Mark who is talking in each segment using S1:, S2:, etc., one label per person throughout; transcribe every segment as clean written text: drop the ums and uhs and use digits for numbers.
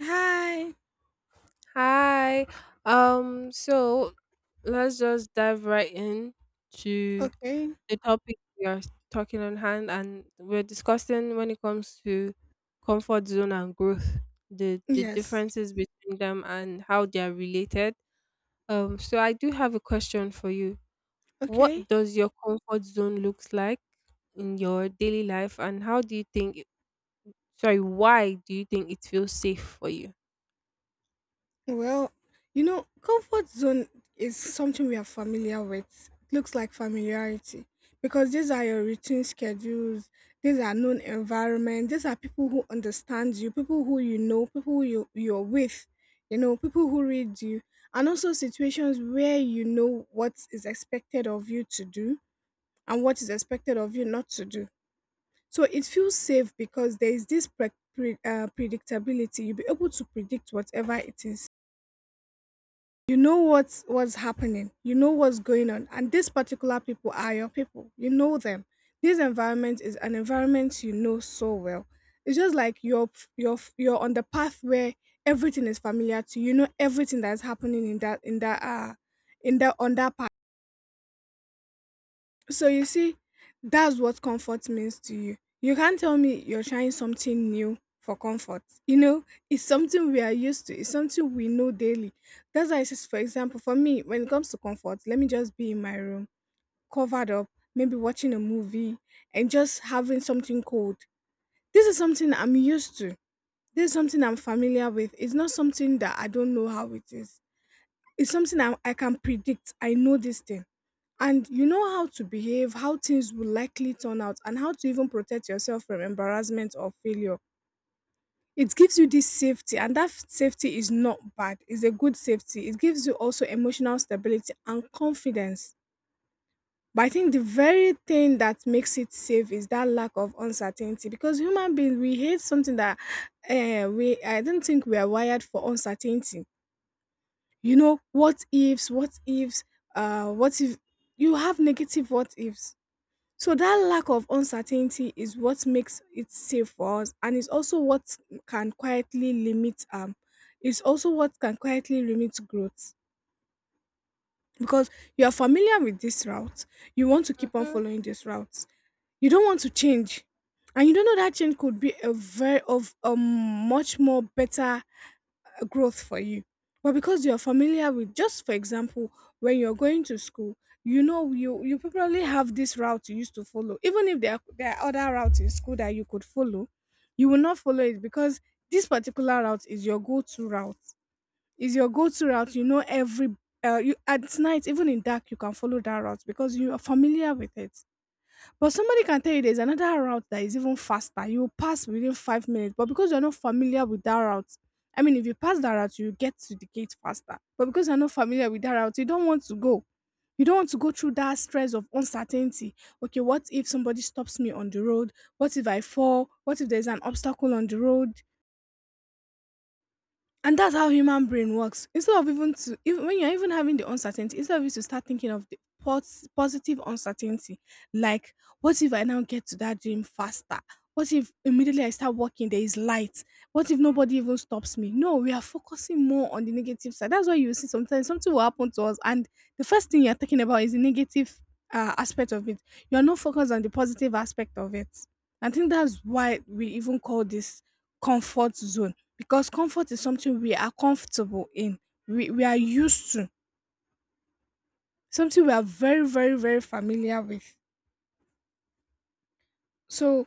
S1: Hi.
S2: Hi. So let's just dive right in to
S1: Okay.
S2: the topic we are talking on hand, and we're discussing when it comes to comfort zone and growth, the
S1: Yes.
S2: differences between them and how they are related. So I do have a question for you.
S1: Okay.
S2: What does your comfort zone looks like in your daily life, and how do you think— Sorry, why do you think it feels safe for you?
S1: Well, comfort zone is something we are familiar with. It looks like familiarity because these are your routine schedules, these are known environment, these are people who understand you, people who you know, people who you're with, people who read you, and also situations where you know what is expected of you to do and what is expected of you not to do. So it feels safe because there is this predictability. You'll be able to predict whatever it is. You know what's happening. You know what's going on, and these particular people are your people. You know them. This environment is an environment you know so well. It's just like you're on the path where everything is familiar to you. You know everything that's happening in that in that in that on that So you see, that's what comfort means to you. You can't tell me you're trying something new for comfort. It's something we are used to, it's something we know daily. That's why it says, for example, for me, when it comes to comfort, let me just be in my room, covered up, maybe watching a movie, and just having something cold. This is something I'm used to. This is something I'm familiar with. It's not something that I don't know how it is. It's something I can predict. I know this thing, and you know how to behave, how things will likely turn out, and how to even protect yourself from embarrassment or failure. It gives you this safety, and that safety is not bad. It's a good safety. It gives you also emotional stability and confidence. But I think the very thing that makes it safe is that lack of uncertainty because human beings, we hate something that I don't think we are wired for uncertainty. What ifs, what ifs, what if you have negative what ifs. So that lack of uncertainty is what makes it safe for us, and can quietly limit um, it's also what can quietly limit growth because you are familiar with this route, you want to keep on
S2: Mm-hmm.
S1: following this route, you don't want to change, and you don't know that change could be a very of a much more better growth for you. But because you're familiar with, just for example, when you're going to school, you probably have this route you used to follow. Even if there are other routes in school that you could follow, you will not follow it because this particular route is your go-to route. Is your go-to route. You know every you at night, even in dark, you can follow that route because you are familiar with it. But somebody can tell you there's another route that is even faster. You will pass within 5 minutes, but because you're not familiar with that route, I mean, if you pass that route, you get to the gate faster. But because you're not familiar with that route, you don't want to go. You don't want to go through that stress of uncertainty. Okay, what if somebody stops me on the road? What if I fall? What if there's an obstacle on the road? And that's how human brain works, instead of even to even when you're even having the uncertainty, instead of you to start thinking of the positive uncertainty, like what if I now get to that dream faster, what if immediately I start working there is light, what if nobody even stops me. No, we are focusing more on the negative side. That's why you see sometimes something will happen to us, and the first thing you're talking about is the negative aspect of it. You're not focused on the positive aspect of it. I think that's why we even call this comfort zone, because comfort is something we are comfortable in, we are used to, something we are very, very, very familiar with. So,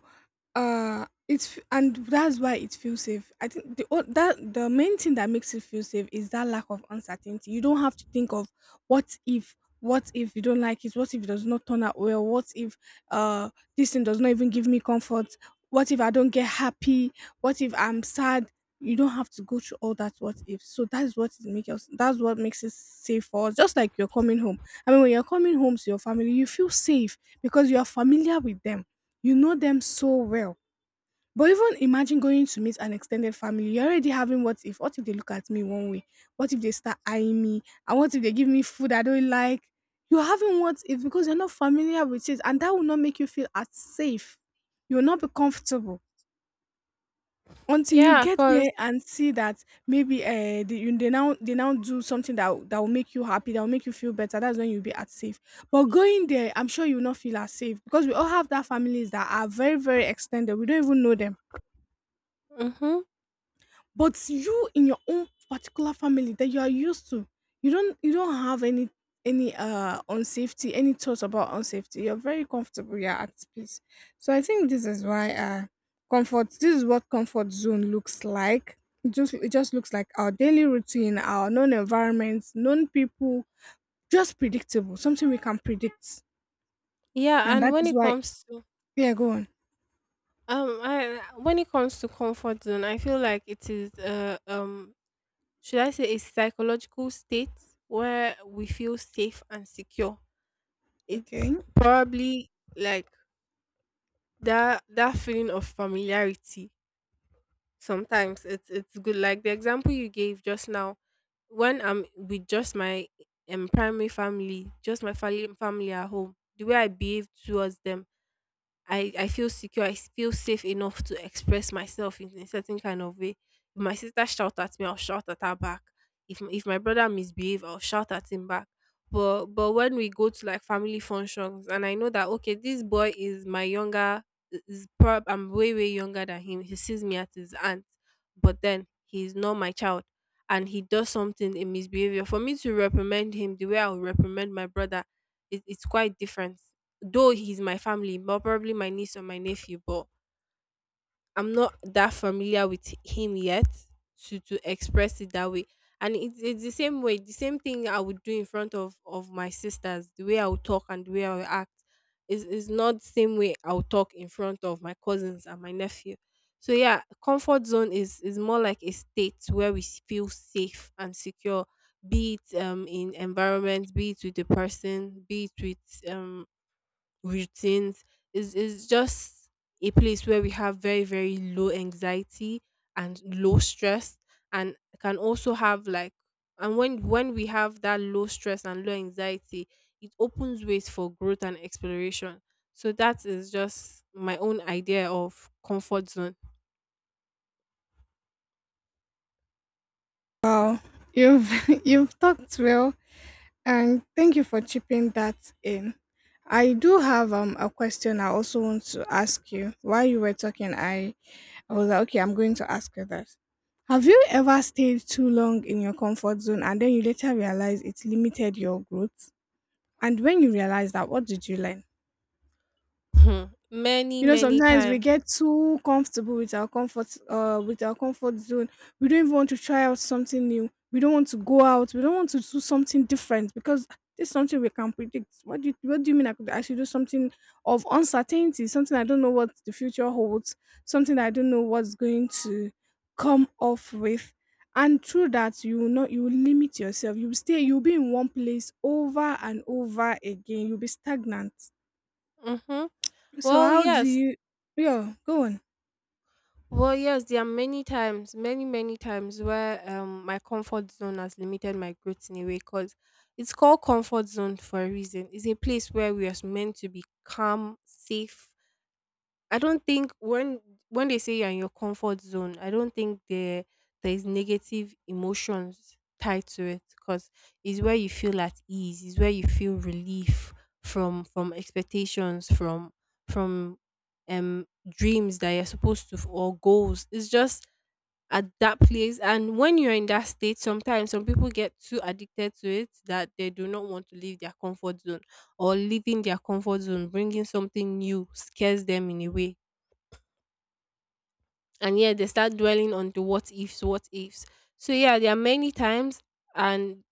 S1: and that's why it feels safe. I think the main thing that makes it feel safe is that lack of uncertainty. You don't have to think of what if you don't like it, what if it does not turn out well, what if uh this thing does not even give me comfort, what if I don't get happy, what if I'm sad. You don't have to go through all that what if. So that's what it makes us. That's what makes it safe for us. Just like you're coming home. I mean, when you're coming home to your family, you feel safe because you are familiar with them, you know them so well. But even imagine going to meet an extended family. You're already having what if? What if they look at me one way? What if they start eyeing me? And what if they give me food I don't like? You're having what if because you're not familiar with it, and that will not make you feel as safe. You will not be comfortable until you
S2: Yeah,
S1: get
S2: cause
S1: there and see that maybe they now do something that will make you happy, that will make you feel better. That's when you'll be at safe. But going there, I'm sure you'll not feel as safe because we all have that families that are very, very extended, we don't even know them.
S2: mm-hmm.
S1: But you in your own particular family that you are used to, you don't have any unsafety, any thoughts about unsafety. You're very comfortable, you're at peace. So I think this is why comfort this is what comfort zone looks like. It just looks like our daily routine, our known environments, known people, just predictable, something we can predict.
S2: Yeah,
S1: And
S2: and
S1: that
S2: when
S1: is
S2: it
S1: why.
S2: comes to—
S1: Yeah, go on.
S2: I when it comes to comfort zone, I feel like it is should I say a psychological state where we feel safe and secure. It's
S1: Okay.
S2: probably like that feeling of familiarity. Sometimes it's good, like the example you gave just now. When I'm with just my primary family, just my family, at home, the way I behave towards them, I feel secure. I feel safe enough to express myself in a certain kind of way. If my sister shout at me, I'll shout at her back. If my brother misbehave, I'll shout at him back. But when we go to like family functions, and I know that okay, this boy is my younger, is prob— I'm way younger than him. He sees me as his aunt, but then he's not my child, and he does something in misbehavior. For me to reprimand him the way I would reprimand my brother, it's quite different. Though he's my family, but probably my niece or my nephew, but I'm not that familiar with him yet to express it that way. And it's the same way, the same thing I would do in front of my sisters. The way I would talk and the way I would act is not the same way I would talk in front of my cousins and my nephew. So yeah, comfort zone is more like a state where we s- feel safe and secure, be it in environment, be it with the person, be it with routines. Is just a place where we have very low anxiety and low stress, and can also have like— and when we have that low stress and low anxiety, it opens ways for growth and exploration. So that is just my own idea of comfort zone.
S1: Wow. You've you've talked well. And thank you for chipping that in. I do have a question I also want to ask you. While you were talking, I was like, okay, I'm going to ask you that. Have you ever stayed too long in your comfort zone and then you later realize it limited your growth? And when you realize that, what did you learn?
S2: Hmm. Many
S1: you know
S2: many
S1: sometimes we
S2: times.
S1: get too comfortable with our comfort zone. We don't even want to try out something new, we don't want to go out, we don't want to do something different, because it's something we can predict. What do you mean I should do something of uncertainty, something I don't know what the future holds, something I don't know what's going to come off with. And through that, you will not, you will limit yourself, you will stay, you'll be in one place over and over again, you'll be stagnant.
S2: Mm-hmm.
S1: So
S2: Well,
S1: how do
S2: yes.
S1: you. Yeah, go on.
S2: Well, yes, there are many times, many times where my comfort zone has limited my growth in a way, because it's called comfort zone for a reason. It's a place where we are meant to be calm, safe. I don't think when they say you're in your comfort zone, I don't think there— there is negative emotions tied to it, because it's where you feel at ease, it's where you feel relief from— from expectations, from— from dreams that you're supposed to f- or goals. It's just at that place, and when you're in that state, sometimes some people get too addicted to it that they do not want to leave their comfort zone, or leaving their comfort zone, bringing something new, scares them in a way. And yeah, they start dwelling on the what ifs, what ifs. So yeah, there are many times, and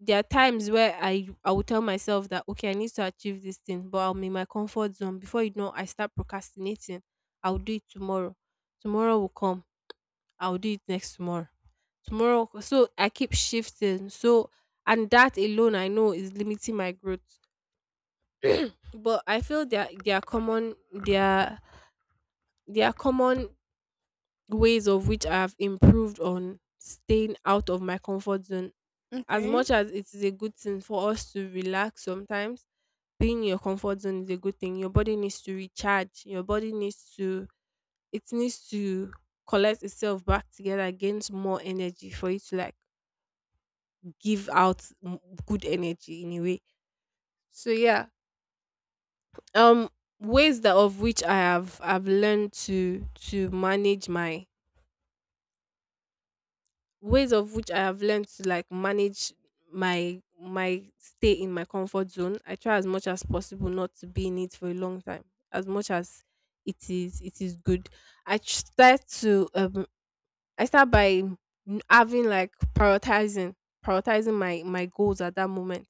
S2: there are times where I will tell myself that okay, I need to achieve this thing, but I'm in my comfort zone. Before you know, I start procrastinating. I'll do it tomorrow. Tomorrow will come. I'll do it next tomorrow. Tomorrow, so I keep shifting. So— and that alone, I know is limiting my growth. But I feel there there are common there are— there are common ways of which I have improved on staying out of my comfort zone. As
S1: Okay.
S2: much as it is a good thing for us to relax sometimes, being in your comfort zone is a good thing. Your body needs to recharge. Your body needs to— it needs to collect itself back together, gains more energy for you to like give out m- good energy in a way. So yeah, um, ways that of which I have I've learned to manage my ways of which I have learned to like manage my stay in my comfort zone. I try as much as possible not to be in it for a long time. As much as it is good. I tr- start to I start by n- having like prioritizing my my goals at that moment.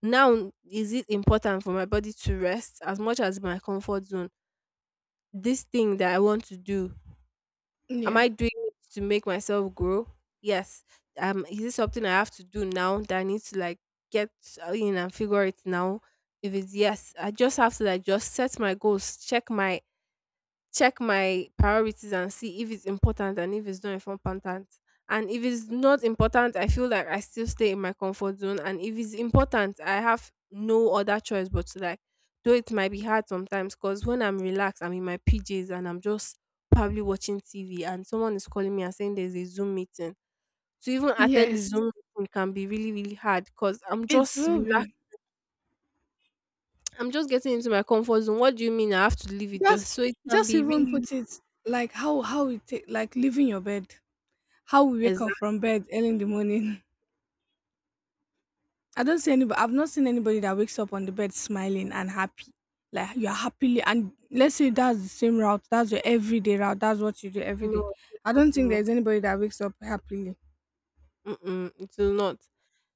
S2: Now, is it important for my body to rest as much as my comfort zone? This thing that I want to do— Am
S1: Yeah.
S2: I doing it to make myself grow? Yes. Is it something I have to do now that I need to like get in and figure it now? If it's yes, I just have to like just set my goals, check my— check my priorities and see if it's important and if it's not important. And if it's not important, I feel like I still stay in my comfort zone. And if it's important, I have no other choice but to like, though it might be hard sometimes, because when I'm relaxed, I'm in my PJs and I'm just probably watching TV and someone is calling me and saying there's a Zoom meeting. To even attend the
S1: Yes.
S2: Zoom meeting can be really, really hard, because I'm
S1: It
S2: just
S1: will
S2: relaxed.
S1: be.
S2: I'm just getting into my comfort zone. What do you mean I have to leave it
S1: Just
S2: just so— it can
S1: just
S2: be
S1: even
S2: really—
S1: put it like how we take like leaving your bed. How we wake up
S2: Exactly.
S1: from bed early in the morning. I don't see anybody, I've not seen anybody that wakes up on the bed smiling and happy. Like you're happily, and let's say that's the same route. That's your everyday route. That's what you do every day.
S2: No, it's
S1: I
S2: not
S1: don't think
S2: possible.
S1: there's anybody that wakes up happily.
S2: Mm-mm, it will not.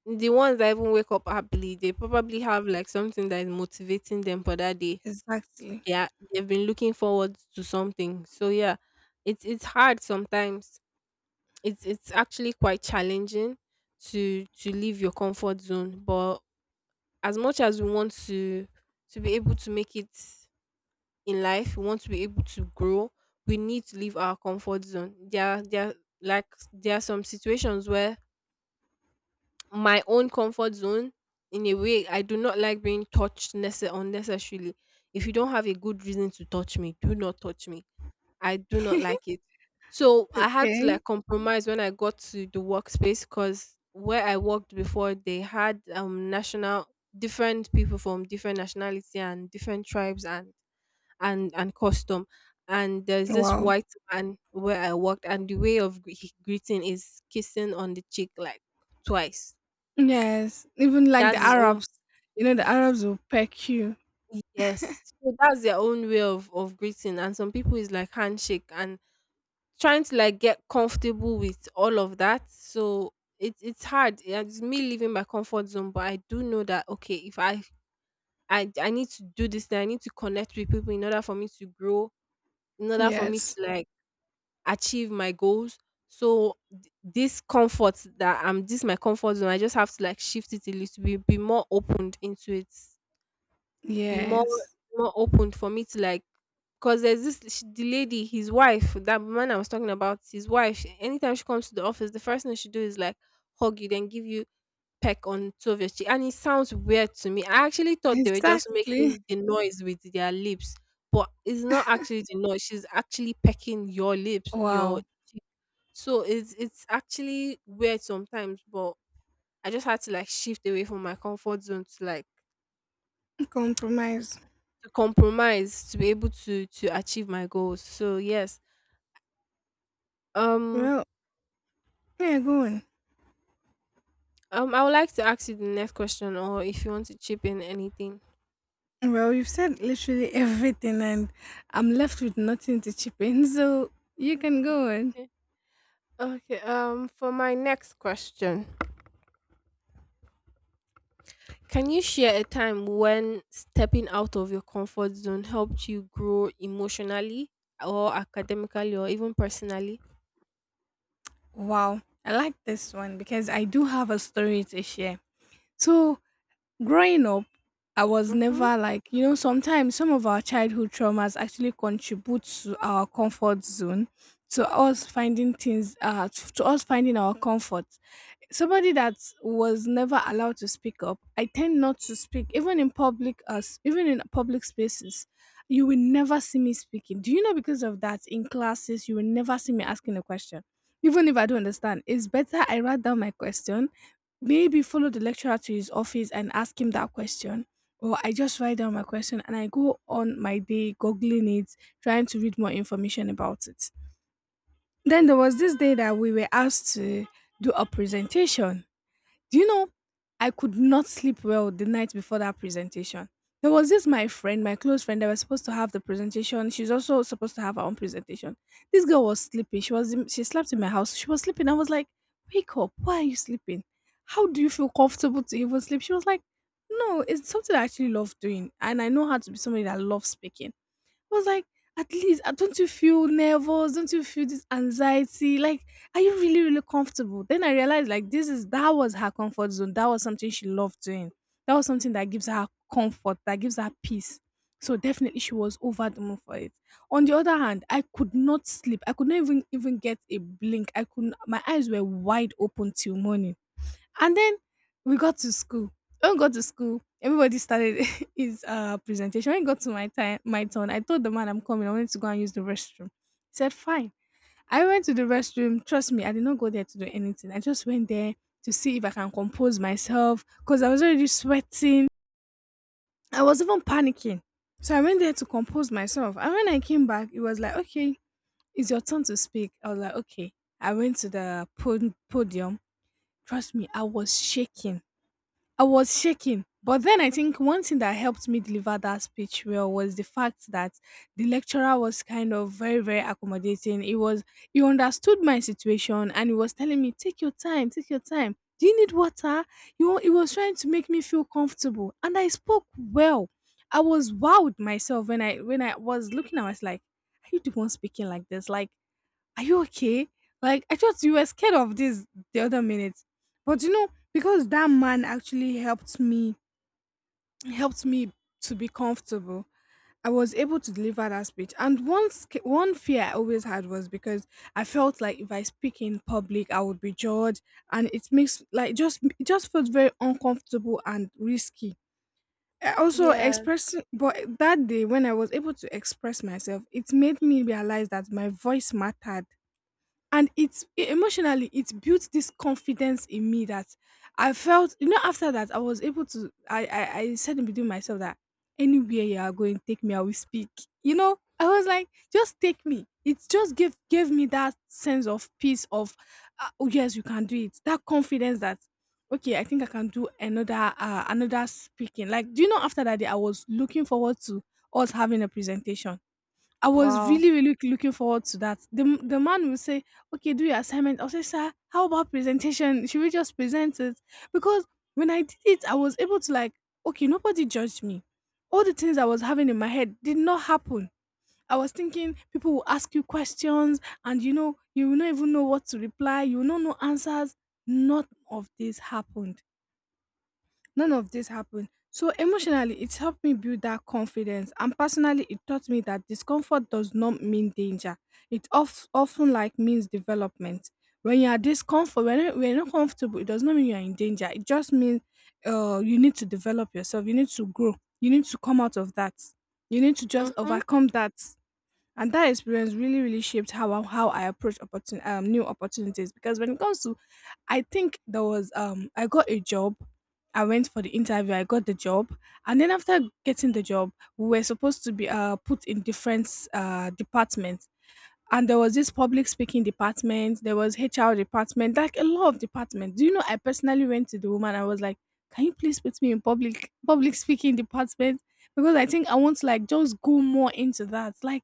S2: The ones that even wake up happily, they probably have like something that is motivating them for that day.
S1: Exactly.
S2: Yeah, they've been looking forward to something. So yeah, it's hard sometimes, it's actually quite challenging to leave your comfort zone. But as much as we want to— to be able to make it in life, we want to be able to grow, we need to leave our comfort zone. There are— there are— like, there are some situations where my own comfort zone— in a way, I do not like being touched nece- unnecessarily. If you don't have a good reason to touch me, do not touch me. I do not like it. So I had to
S1: Okay.
S2: like compromise when I got to the workspace, because where I worked before, they had national— different people from different nationality and different tribes, and and custom. And there's this
S1: Wow.
S2: white man where I worked, and the way of gre- greeting is kissing on the cheek like twice.
S1: Yes, even like
S2: That's
S1: the
S2: his own.
S1: Arabs, the
S2: Yes.
S1: Arabs will peck you.
S2: Yes. So that's their own way of greeting. And some people is like handshake, and trying to like get comfortable with all of that. So it's hard. Yeah, it's me leaving my comfort zone, but I do know that okay, if I— I need to do this thing, I need to connect with people in order for me to grow, in order for me
S1: Yes,
S2: to like achieve my goals. So th- this comfort that I'm— this my comfort zone, I just have to like shift it a little bit, be more opened into it. Be more—
S1: yes,
S2: more open for me to like— because there's this sh— the lady, his wife, that man I was talking about, his wife, anytime she comes to the office, the first thing she do is like hug you, then give you peck on two of your cheek. And it sounds weird to me. I actually thought they were just
S1: exactly.
S2: making the noise with their lips, but it's not actually the noise. She's actually pecking your lips, your—
S1: Wow,
S2: so it's actually weird sometimes, but I just had to like shift away from my comfort zone to like—
S1: compromise.
S2: to compromise, to be able to achieve my goals. So yes, um,
S1: Well, yeah, go on.
S2: I would like to ask you the next question, or if you want to chip in anything.
S1: Well, you've said literally everything, and I'm left with nothing to chip in, so you can go on.
S2: Okay. Okay. For my next question, can you share a time when stepping out of your comfort zone helped you grow emotionally, or academically, or even personally?
S1: Wow, I like this one because I do have a story to share. So, growing up, I was
S2: Mm-hmm.
S1: never like, sometimes some of our childhood traumas actually contribute to our comfort zone, to us finding things, to us finding our comfort. Somebody that was never allowed to speak up, I tend not to speak even in public spaces you will never see me speaking, do you know? Because of that, in classes you will never see me asking a question. Even if I don't understand, it's better I write down my question, maybe follow the lecturer to his office and ask him that question, or I just write down my question and I go on my day googling it, trying to read more information about it. Then there was this day that we were asked to do a presentation, do you know? I could not sleep well the night before that presentation. There was this my friend, my close friend, that was supposed to have the presentation. She's also supposed to have her own presentation. This girl was sleeping. She was she slept in my house. She was sleeping. I was like, wake up. Why are you sleeping? How do you feel comfortable to even sleep? She was like, no, it's something I actually love doing. And I know how to be somebody that loves speaking. I was like, at least, don't you feel nervous? Don't you feel this anxiety? Like, are you really, really comfortable? Then I realized, like, this is that was her comfort zone. That was something she loved doing. That was something that gives her comfort, that gives her peace. So definitely, she was over the moon for it. On the other hand, I could not sleep. I could not even get a blink. I could. Not My eyes were wide open till morning, and then we got to school. When we got to school, everybody started his presentation. When it got to my turn, I told the man I'm coming. I wanted to go and use the restroom. He said, fine. I went to the restroom. Trust me, I did not go there to do anything. I just went there to see if I can compose myself because I was already sweating. I was even panicking. So I went there to compose myself. And when I came back, it was like, okay, it's your turn to speak. I was like, okay. I went to the podium. Trust me, I was shaking. I was shaking. But then I think one thing that helped me deliver that speech well was the fact that the lecturer was kind of very, very accommodating. He understood my situation and he was telling me, take your time, take your time. Do you need water? You know, he was trying to make me feel comfortable. And I spoke well. I was wowed myself when I was looking. I was like, are you the one speaking like this? Like, are you okay? Like, I thought you were scared of this the other minute. But you know, because that man actually helped me to be comfortable, I was able to deliver that speech. And one fear I always had was because I felt like if I speak in public, I would be judged, and it just felt very uncomfortable and risky. I also
S2: Yeah.
S1: express, but that day when I was able to express myself, it made me realize that my voice mattered, and emotionally it built this confidence in me that I felt, you know. After that, I was able to, I said in between myself that anywhere you are going, take me, I will speak. You know, I was like, just take me. It just gave me that sense of peace of oh yes, you can do it. That confidence that okay, I think I can do another another speaking. Like, do you know, after that day I was looking forward to us having a presentation. I was
S2: Wow.
S1: really, really looking forward to that. The the man would say, "Okay, do your assignment." I'll say, "Sir, how about presentation? Should we just present it?" Because when I did it, I was able to, like, okay, nobody judged me. All the things I was having in my head did not happen. I was thinking people will ask you questions, and you know, you will not even know what to reply. You will not know answers. None of this happened. None of this happened. So emotionally, it helped me build that confidence. And personally, it taught me that discomfort does not mean danger. It often like means development. When you are discomfort, when you're not comfortable, it does not mean you are in danger. It just means you need to develop yourself. You need to grow. You need to come out of that. You need to just
S2: Mm-hmm.
S1: overcome that. And that experience really, really shaped how I approach new opportunities. Because when it comes to, I think there was I got a job. I went for the interview. I got the job, and then after getting the job, we were supposed to be put in different departments. And there was this public speaking department. There was HR department, like a lot of departments. Do you know? I personally went to the woman. I was like, "Can you please put me in public speaking department?" Because I think I want to, like, just go more into that. Like,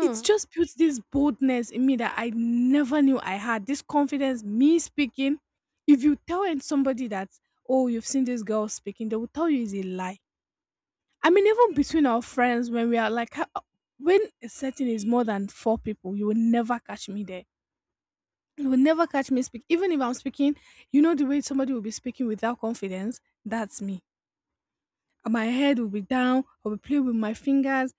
S1: it just built this boldness in me that I never knew I had. This confidence, me speaking. If you tell somebody that, oh, you've seen this girl speaking, they will tell you it's a lie. I mean, even between our friends, when we are like, ha- when a setting is more than four people, you will never catch me there. You will never catch me speak. Even if I'm speaking, you know, the way somebody will be speaking without confidence, that's me. And my head will be down, I'll be playing with my fingers,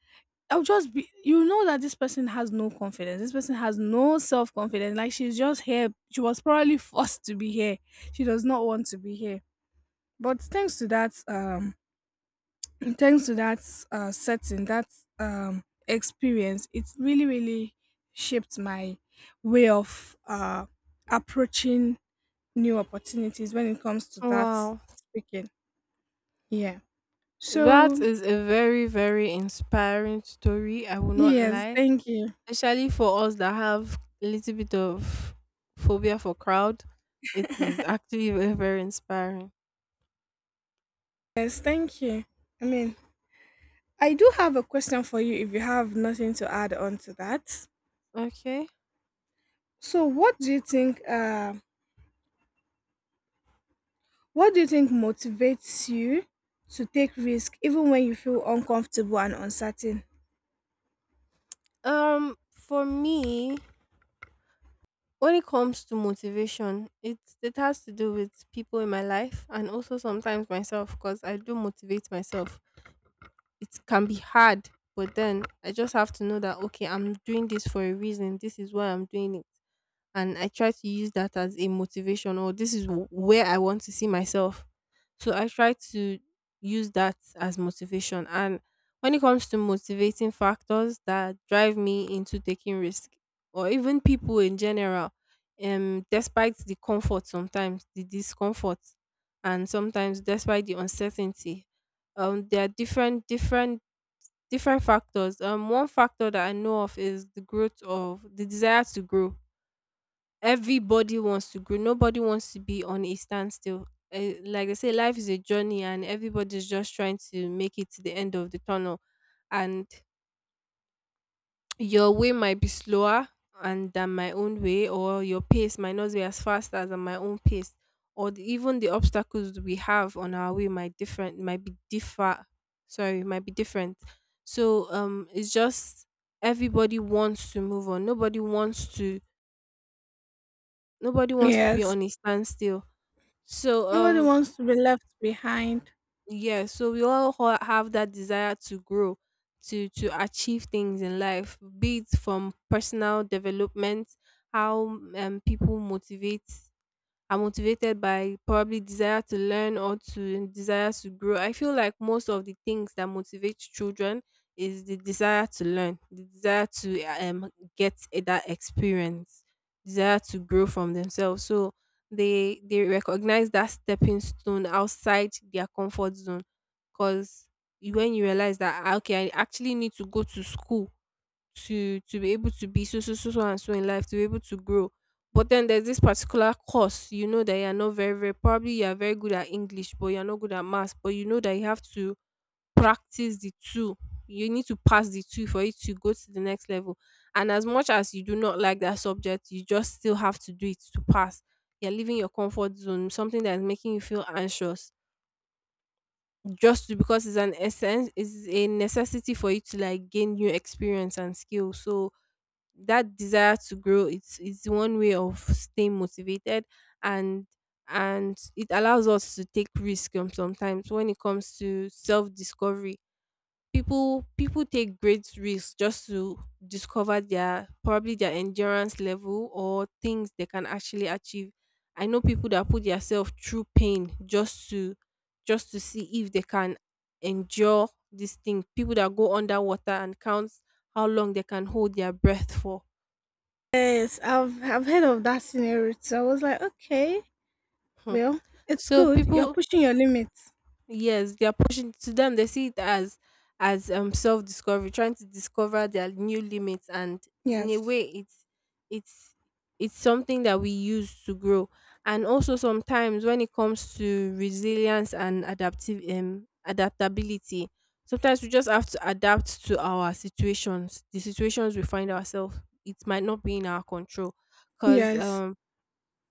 S1: I'll just be, you know, that this person has no confidence. This person has no self confidence. Like, she's just here. She was probably forced to be here. She does not want to be here. But thanks to that thanks to that setting, that experience, it really, really shaped my way of approaching new opportunities when it comes to that
S2: Wow.
S1: speaking. Yeah.
S2: That
S1: So
S2: is a very inspiring story. I will not
S1: yes,
S2: lie.
S1: thank you.
S2: Especially for us that have a little bit of phobia for crowd, it is actually very inspiring.
S1: Yes, thank you. I mean, I do have a question for you if you have nothing to add on to that.
S2: Okay.
S1: So what do you think, what do you think motivates you to take risk even when you feel uncomfortable and uncertain?
S2: For me, when it comes to motivation, it has to do with people in my life, and also sometimes myself, because I do motivate myself. It can be hard, but then I just have to know that okay, I'm doing this for a reason. This is why I'm doing it. And I try to use that as a motivation, or this is w- where I want to see myself. So I try to use that as motivation. And when it comes to motivating factors that drive me into taking risk or even people in general, despite the comfort sometimes, the discomfort, and sometimes despite the uncertainty, there are different factors. One factor that I know of is the growth of the desire to grow. Everybody wants to grow. Nobody wants to be on a standstill. Like I say, life is a journey, and everybody's just trying to make it to the end of the tunnel. And your way might be slower and than my own way, or your pace might not be as fast as my own pace, or even the obstacles we have on our way might be differ. Sorry, might be different. So it's just everybody wants to move on. Nobody wants to. Nobody wants to be
S1: Yes.
S2: on a standstill. So
S1: Nobody wants to be left behind.
S2: yeah, so we all have that desire to grow, to achieve things in life, be it from personal development, how people motivate are motivated by probably desire to learn or to desire to grow. I feel like most of the things that motivate children is the desire to learn, the desire to that experience, desire to grow from themselves. So they recognize that stepping stone outside their comfort zone because when you realize that, "Ah, okay, I actually need to go to school to be able to be so so so so and so in life to be able to grow, but then there's this particular course, you know, that you're not very probably, you're very good at English but you're not good at maths, but you know that you have to practice the two. You need to pass the two for it to go to the next level, and as much as you do not like that subject, you just still have to do it to pass. You're leaving your comfort zone, something that is making you feel anxious, just to, because it's an essence, it's a necessity for you to like gain new experience and skill. So that desire to grow, it's one way of staying motivated. And and it allows us to take risk. Sometimes when it comes to self discovery, people take great risks just to discover their probably their endurance level or things they can actually achieve. I know people that put themselves through pain just to see if they can endure this thing, people that go underwater and count how long they can hold their breath for.
S1: Yes, I've heard of that scenario. So I was like, okay,
S2: Hmm.
S1: well, it's
S2: So
S1: good. You're
S2: people,
S1: pushing your limits.
S2: yes, they are pushing to them. They see it as self discovery, trying to discover their new limits, and in a
S1: Yes.
S2: way, it's it's something that we use to grow. And also sometimes when it comes to resilience and adaptive adaptability, sometimes we just have to adapt to our situations, the situations we find ourselves. It might not be in our control, because
S1: Yes.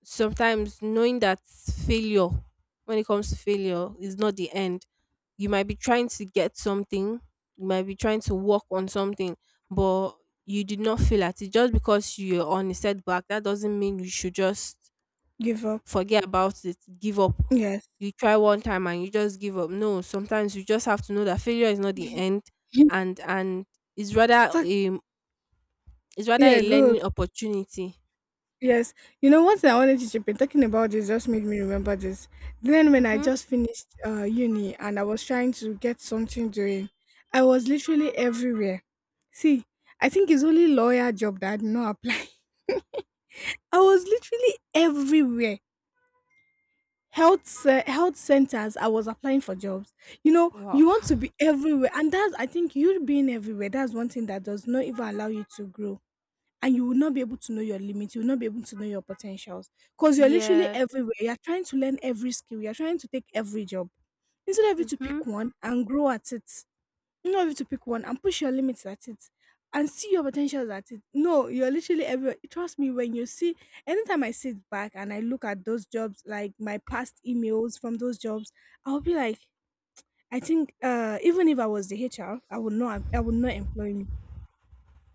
S2: sometimes knowing that failure, when it comes to failure, is not the end. You might be trying to get something, you might be trying to work on something, but you did not feel at it. Just because you're on a setback, that doesn't mean you should just
S1: Give up.
S2: forget about it, give up.
S1: Yes.
S2: You try one time and you just give up. No, sometimes you just have to know that failure is not the end and it's rather
S1: Talk-
S2: a it's rather a
S1: yeah, good.
S2: learning opportunity.
S1: Yes. You know, one thing I wanted to chip in talking about this just made me remember this. Then when I
S2: Mm-hmm.
S1: just finished uni and I was trying to get something doing, I was literally everywhere. See, I think it's only lawyer job that I did not apply. I was literally everywhere. Health centers, I was applying for jobs. You know,
S2: Wow.
S1: you want to be everywhere, and that's, I think, you being everywhere. That's one thing that does not even allow you to grow, and you will not be able to know your limits. You will not be able to know your potentials because you're literally
S2: Yeah.
S1: everywhere. You're trying to learn every skill. You're trying to take every job instead of you to
S2: Mm-hmm.
S1: pick one and grow at it. Instead of you to pick one and push your limits at it and see your potentials at it. No, you're literally everywhere. Trust me, when you see, anytime I sit back and I look at those jobs, like my past emails from those jobs, I'll be like, I think even if I was the HR, I would not employ me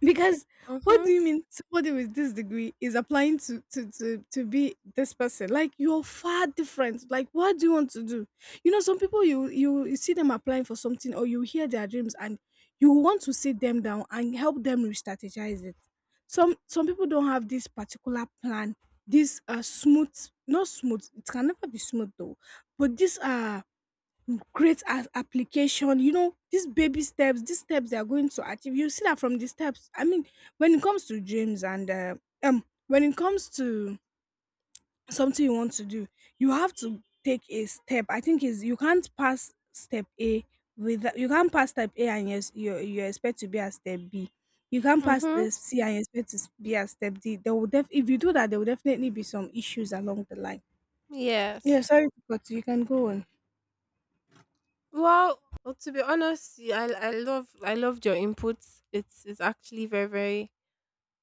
S1: because what
S2: Mm-hmm.
S1: do you mean somebody with this degree is applying to be this person? Like, you're far different. Like, what do you want to do? You know, some people you you see them applying for something or you hear their dreams and you want to sit them down and help them re-strategize it. Some people don't have this particular plan, this smooth, not smooth, it can never be smooth though, but this create an application. You know, these baby steps, these steps they are going to achieve. You see that from the steps. I mean, when it comes to dreams and when it comes to something you want to do, you have to take a step. I think is you can't pass step A with you can't pass step A and yes, you expect to be at step B. You can't pass
S2: Mhm.
S1: step C and expect to be at step D. There will if you do that, there will definitely be some issues along the line.
S2: Yes.
S1: Yeah, sorry, but you can go on.
S2: Well, to be honest, I loved your inputs. It's actually very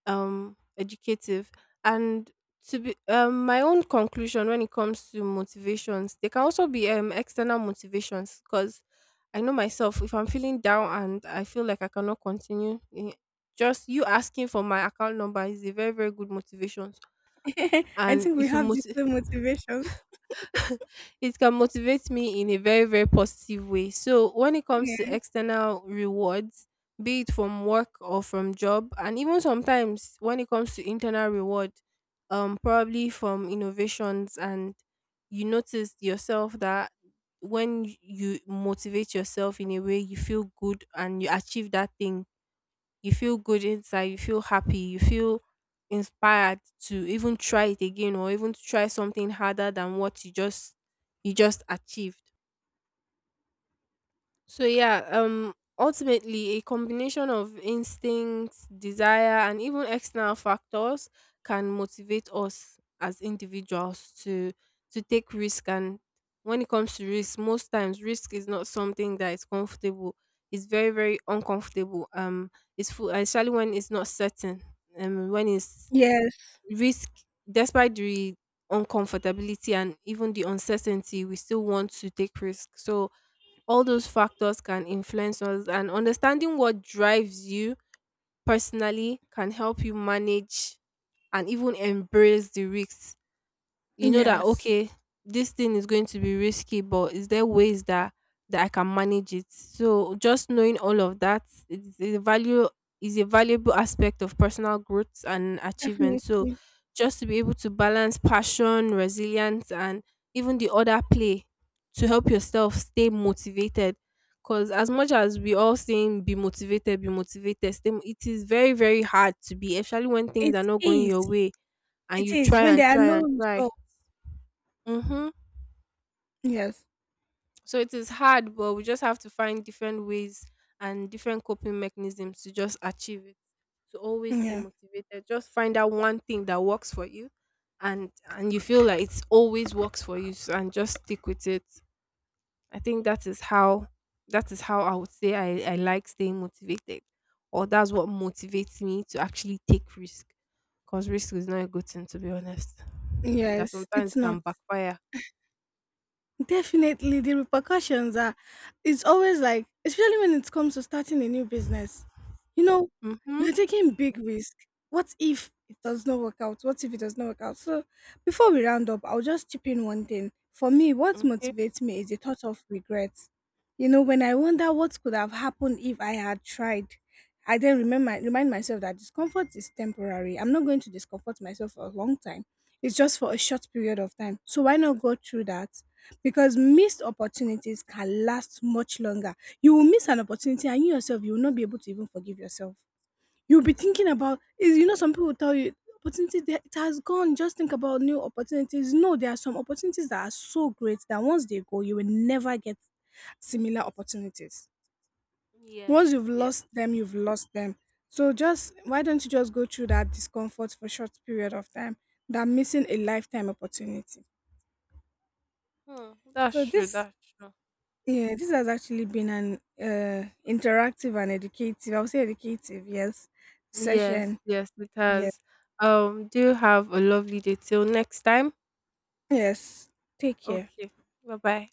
S2: educative, and to be my own conclusion, when it comes to motivations, they can also be external motivations, because I know myself, if I'm feeling down and I feel like I cannot continue, eh, just you asking for my account number is a very very good motivation,
S1: I
S2: and
S1: think we have the same motivation.
S2: it can motivate me in a very very positive way. So when it comes to
S1: Yeah.
S2: external rewards, be it from work or from job, and even sometimes when it comes to internal reward, probably from innovations, and you notice yourself that when you motivate yourself in a way, you feel good and you achieve that thing, you feel good inside, you feel happy, you feel inspired to even try it again or even to try something harder than what you just achieved. So yeah, ultimately a combination of instincts, desire and even external factors can motivate us as individuals to take risk. And when it comes to risk, most times risk is not something that is comfortable. It's very, very uncomfortable. It's full especially when it's not certain. When it's
S1: Yes.
S2: risk despite the uncomfortability and even the uncertainty, we still want to take risk. So all those factors can influence us, and understanding what drives you personally can help you manage and even embrace the risks. You know that
S1: Yes.
S2: okay, this thing is going to be risky, but is there ways that I can manage it. So just knowing all of that is a value is a valuable aspect of personal growth and achievement. So
S1: Definitely.
S2: just to be able to balance passion, resilience, and even the other play to help yourself stay motivated, because as much as we all saying be motivated, be motivated, stay, it is very very hard to be, especially when things
S1: It
S2: are not going your
S1: is.
S2: way, and
S1: It
S2: you
S1: is.
S2: try
S1: When
S2: and
S1: there are
S2: try
S1: no
S2: and try.
S1: results.
S2: Mm-hmm.
S1: Yes.
S2: So it is hard, but we just have to find different ways and different coping mechanisms to just achieve it. To always stay
S1: Yeah.
S2: motivated, just find out one thing that works for you, and you feel like it's always works for you, and just stick with it. I think that is how I would say I like staying motivated, or that's what motivates me to actually take risk, because risk is not a good thing, to be honest. That
S1: Yes. It's
S2: sometimes
S1: not.
S2: can backfire.
S1: Definitely, the repercussions are, it's always like, especially when it comes to starting a new business, you know,
S2: Mm-hmm.
S1: you're taking big risk. What if it does not work out? What if it does not work out? So, before we round up, I'll just chip in one thing. For me, what
S2: Okay.
S1: motivates me is the thought of regret. You know, when I wonder what could have happened if I had tried, I then remember remind myself that discomfort is temporary. I'm not going to discomfort myself for a long time. It's just for a short period of time. So why not go through that? Because missed opportunities can last much longer. You will miss an opportunity and you yourself, you will not be able to even forgive yourself. You'll be thinking
S2: Mm-hmm.
S1: about, is you know, some people tell you, opportunity, that- it has gone. Just think about new opportunities. No, there are some opportunities that are so great that once they go, you will never get similar opportunities.
S2: Yes,
S1: Once you've
S2: yes.
S1: lost them, you've lost them. So just why don't you just go through that discomfort for short period of time than missing a lifetime opportunity?
S2: Hmm, that's
S1: So
S2: true,
S1: this,
S2: that's true.
S1: yeah, this has actually been an interactive and educative, I would say educative, yes,
S2: Yes,
S1: session.
S2: yes, it
S1: Yes.
S2: has. Do have a lovely day till next time.
S1: Yes. Take care.
S2: Okay, bye bye.